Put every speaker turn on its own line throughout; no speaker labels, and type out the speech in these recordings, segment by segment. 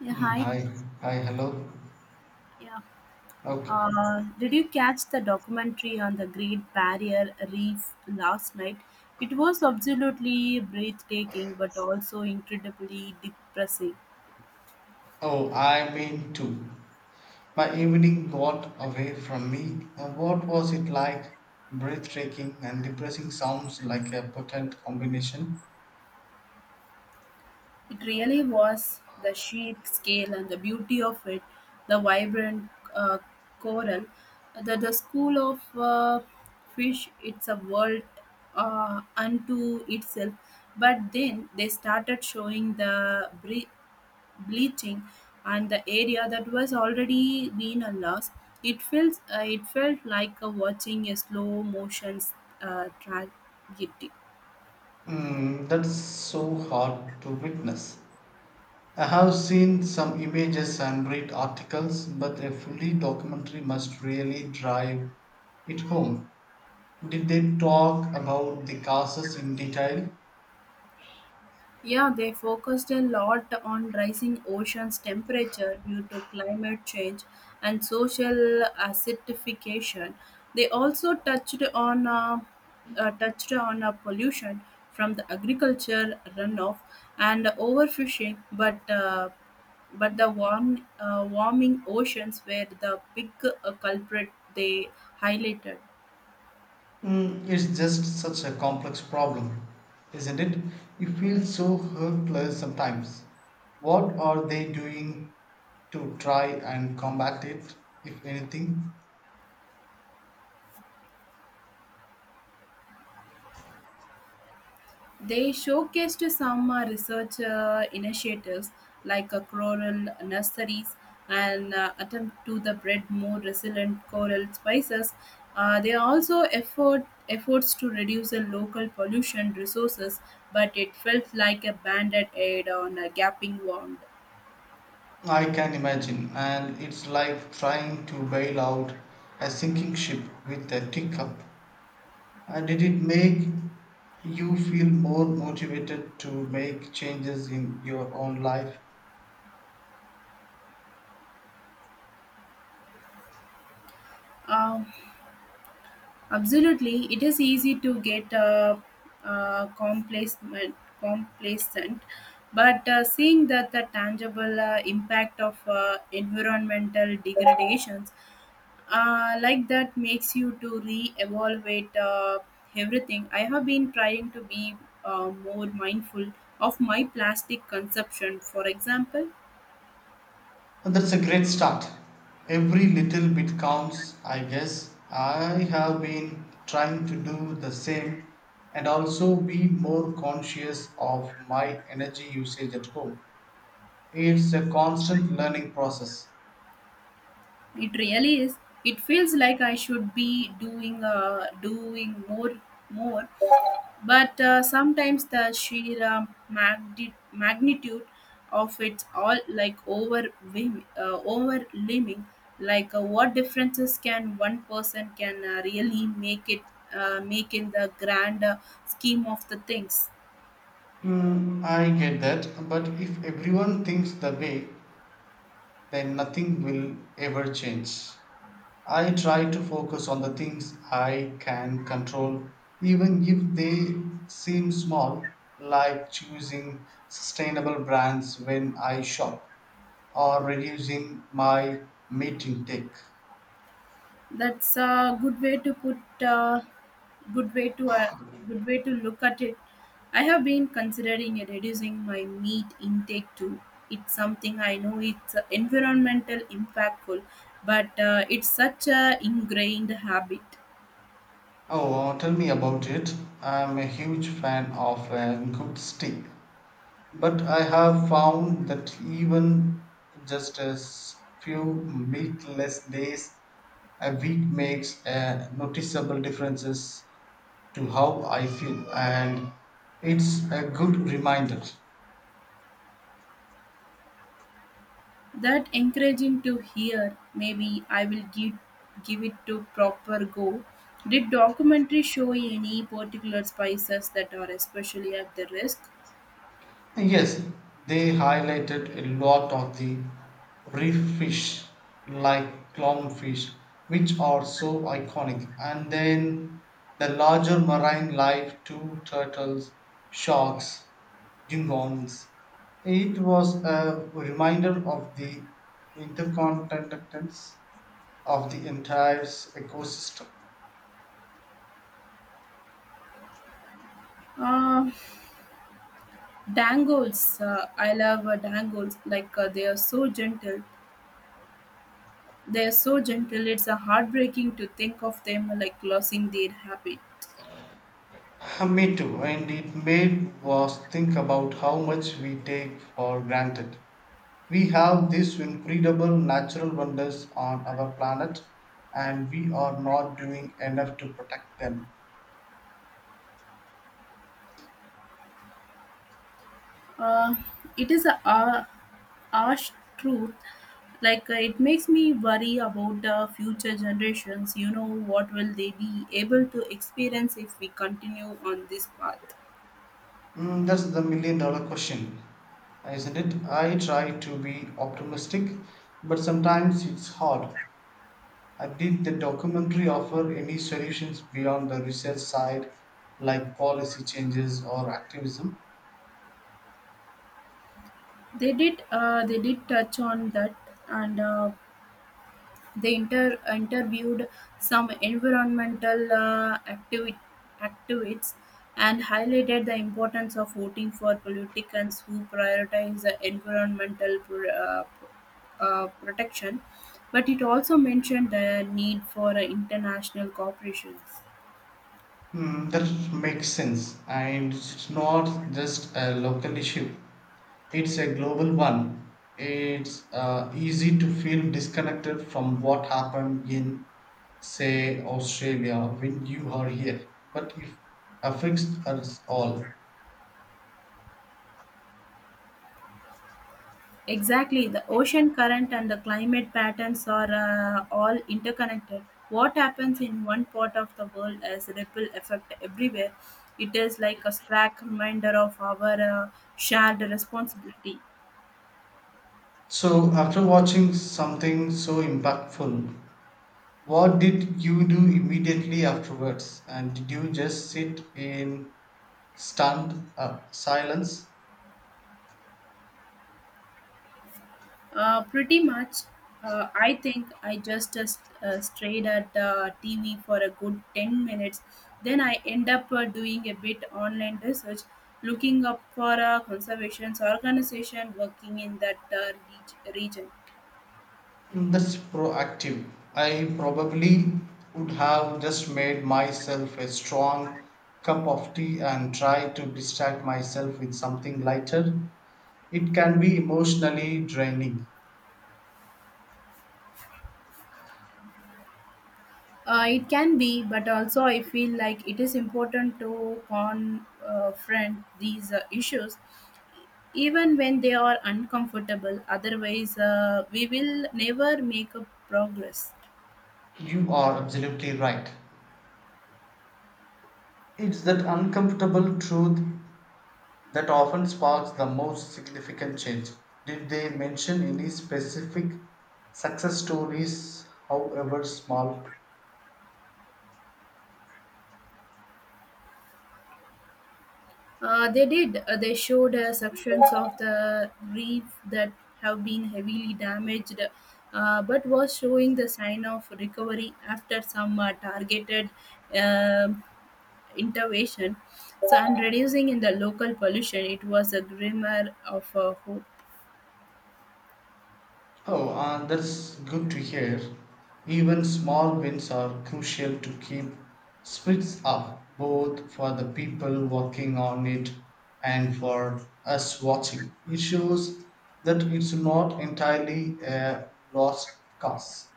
Yeah,
Mm,
hi.
hi, hi, hello.
Yeah.
Okay.
Did you catch the documentary on the Great Barrier Reef last night? It was absolutely breathtaking, but also incredibly depressing.
Oh, I mean too. My evening got away from me. What was it like? Breathtaking and depressing sounds like a potent combination.
It really was the sheer scale and the beauty of it, the vibrant coral, the school of fish. It's a world unto itself. But then they started showing the bleaching and the area that was already been a loss. It felt like a watching a slow motion tragedy.
Mm, that's so hard to witness. I have seen some images and read articles, but a fully documentary must really drive it home. Did they talk about the causes in detail?
Yeah, they focused a lot on rising ocean's temperature due to climate change and social acidification. They also touched on touched on pollution from the agriculture runoff and overfishing, but the warming oceans were the big culprit they highlighted.
Mm, it's just such a complex problem, isn't it? You feel so hopeless sometimes. What are they doing to try and combat it, if anything?
They showcased some research initiatives like coral nurseries and attempt to the breed more resilient coral species. They also efforts to reduce the local pollution resources, but it felt like a banded aid on a gaping wound.
I can imagine, and it's like trying to bail out a sinking ship with a teacup. Did it make you feel more motivated to make changes in your own life?
Um, Absolutely, it is easy to get uh, complacent, complacent, but seeing that the tangible impact of environmental degradations like that makes you to re-evaluate everything. I have been trying to be more mindful of my plastic consumption. For example,
And that's a great start. Every little bit counts, I guess. I have been trying to do the same and also be more conscious of my energy usage at home. It's a constant learning process.
it really is. It feels like I should be doing doing more. But sometimes the sheer magnitude of it's all like overwhelming, overwhelming. What differences can one person can really make in the grand scheme of the things.
Hmm, I get that, but if everyone thinks the way, then nothing will ever change. I try to focus on the things I can control, even if they seem small, like choosing sustainable brands when I shop or reducing my meat intake.
That's a good way to put. Good way to uh, good way to look at it. I have been considering reducing my meat intake too. It's something I know it's environmental impactful, but it's such a ingrained habit.
Oh, tell me about it. I'm a huge fan of a good steak. But I have found that even just few meatless days a week makes a noticeable differences to how I feel and it's a good reminder.
That encouraging to hear. Maybe I will give it to proper go. Did documentary show any particular spices that are especially at the risk?
Yes, they highlighted a lot of the reef fish like clownfish, which are so iconic, and then the larger marine life too turtles, sharks, dugongs. It was a reminder of the interconnectedness of the entire ecosystem.
Uh, Dangles, I love dangles. They are so gentle. They are so gentle. It's heartbreaking to think of them like losing their happy.
Me too, and it made us think about how much we take for granted. We have these incredible natural wonders on our planet, and we are not doing enough to protect them.
Uh, it is a harsh truth. It makes me worry about the future generations. You know what will they be able to experience if we continue on this path?
Mm, that's the million dollar question, isn't it? I try to be optimistic, but sometimes it's hard. I did the documentary offer any solutions beyond the research side, like policy changes or activism?
They did. They did touch on that, and they interviewed some environmental activists and highlighted the importance of voting for politicians who prioritize the environmental protection. But it also mentioned the need for international cooperation.
Hmm, that makes sense. And it's not just a local issue, it's a global one. It's easy to feel disconnected from what happened in, say, Australia when you are here, but it affects us all.
Exactly, the ocean current and the climate patterns are all interconnected. What happens in one part of the world has a ripple effect everywhere. It is like a stark reminder of our shared responsibility.
So, after watching something so impactful, what did you do immediately afterwards? And did you just sit in stunned silence?
Pretty much, I think I just strayed at TV for a good 10 minutes. Then I end up doing a bit online research, looking up for a conservation organization working in that region.
Mm, that's proactive. I probably would have just made myself a strong cup of tea and try to distract myself with something lighter. It can be emotionally draining.
It can be, but also I feel like it is important to confront these issues, even when they are uncomfortable. Otherwise, we will never make a progress.
You are absolutely right. It's that uncomfortable truth that often sparks the most significant change. Did they mention any specific success stories, however small?
They did. They showed sections of the reef that have been heavily damaged, but was showing the sign of recovery after some targeted um intervention, so and reducing in the local pollution, it was a glimmer of a hope.
Oh, that's good to hear. Even small wins are crucial to keep spirits up, both for the people working on it and for us watching. It shows that it's not entirely a lost cause.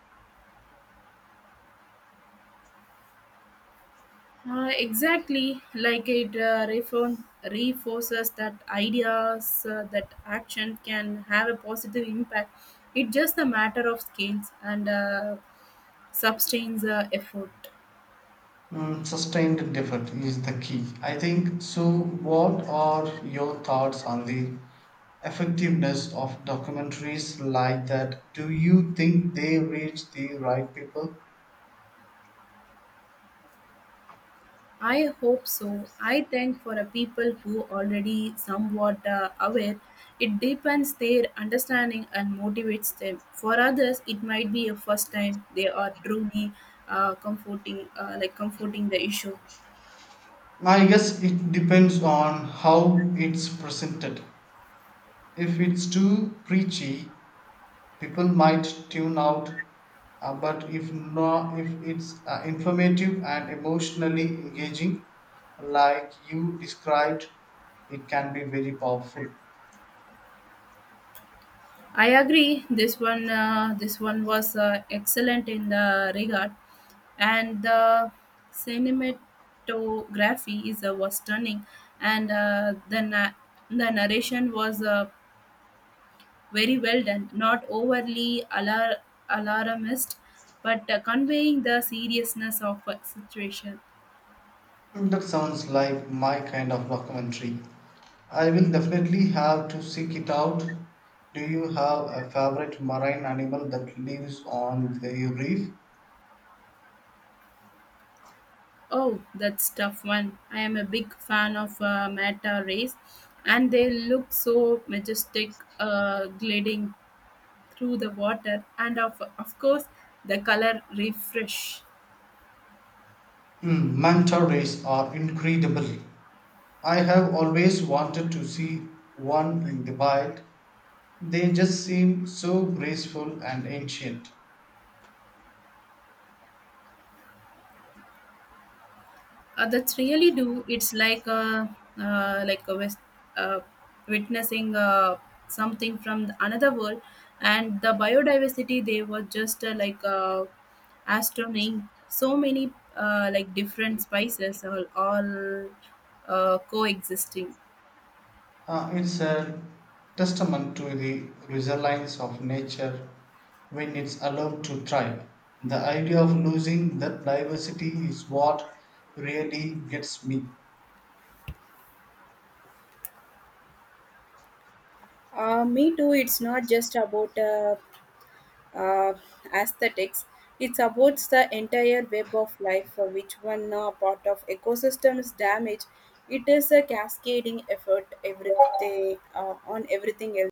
Exactly, like it reinforces that ideas that action can have a positive impact. It's just a matter of skills and sustains effort.
Mm, sustained effort is the key, I think. So, what are your thoughts on the effectiveness of documentaries like that? Do you think they reach the right people?
I hope so. I think for a people who already somewhat aware, it deepens their understanding and motivates them. For others, it might be a first time they are truly comforting, like comforting the issue.
I guess it depends on how it's presented. If it's too preachy, people might tune out. But if not, if it's informative and emotionally engaging, like you described, it can be very powerful.
I agree. This one was excellent in the regard, and the cinematography is was stunning, and the narration was very well done, not alarmist, but conveying the seriousness of a situation.
That sounds like my kind of documentary. I will definitely have to seek it out. Do you have a favorite marine animal that lives on the reef?
Oh, that's tough one. I am a big fan of Mata race, and they look so majestic, gliding through the water, and of course the color refresh.
Hmm, manta rays are incredible. I have always wanted to see one in the wild. They just seem so graceful and ancient.
That's really do. It's like a uh, witnessing something from another world, and the biodiversity they were just astronomy. So many different spices all coexisting.
It's a testament to the resilience of nature when it's allowed to thrive. The idea of losing that diversity is what really gets me.
Me too. It's not just about uh, aesthetics. It supports the entire web of life for which one part of ecosystem is damaged. It is a cascading effort everything, on everything else.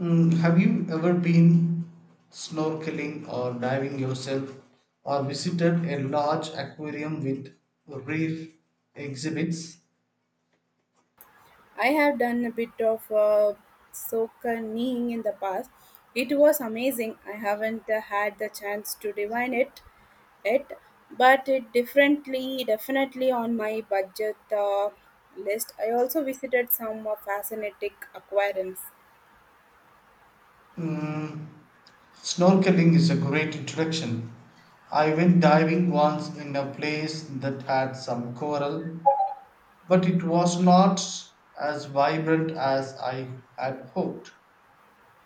Mm, have you ever been snorkeling or diving yourself or visited a large aquarium with reef exhibits?
I have done a bit of soaking in the past. It was amazing. I haven't had the chance to divine it yet, but it differently definitely on my budget list. I also visited some fascinating aquariums.
Mm, snorkeling is a great introduction. I went diving once in a place that had some coral, but it was not as vibrant as I had hoped.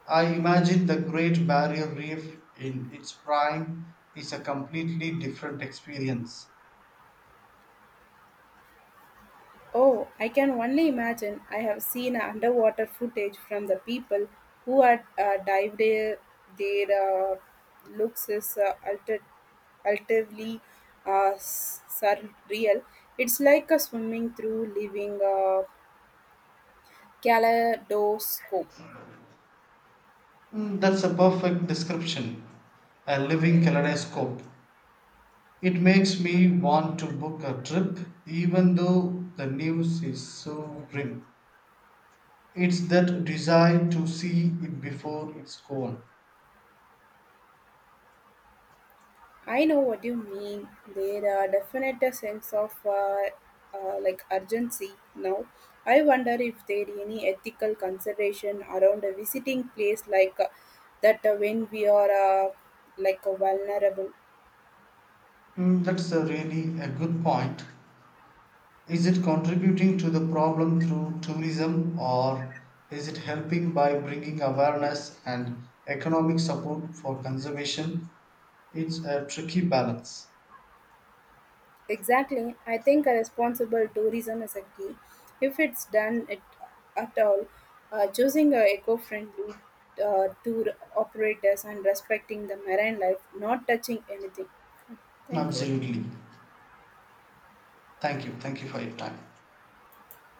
I imagine the Great Barrier Reef in its prime is a completely different experience.
Oh, I can only imagine. I have seen underwater footage from the people who had dived there. Their looks is alterly surreal. It's like a swimming through living kaleidoscope.
Mm, that's a perfect description. A living kaleidoscope. It makes me want to book a trip even though the news is so grim. It's that desire to see it before it's gone.
I know what you mean. There are definite a sense of urgency now. I wonder if there any ethical consideration around a visiting place like that when we are vulnerable.
Mm, that's a really a good point. Is it contributing to the problem through tourism or is it helping by bringing awareness and economic support for conservation? It's a tricky balance.
Exactly. I think a responsible tourism is a key. If it's done it at all, choosing a eco-friendly tour operators and respecting the marine life, not touching anything. Thank you.
Absolutely. Thank you. Thank you for your time.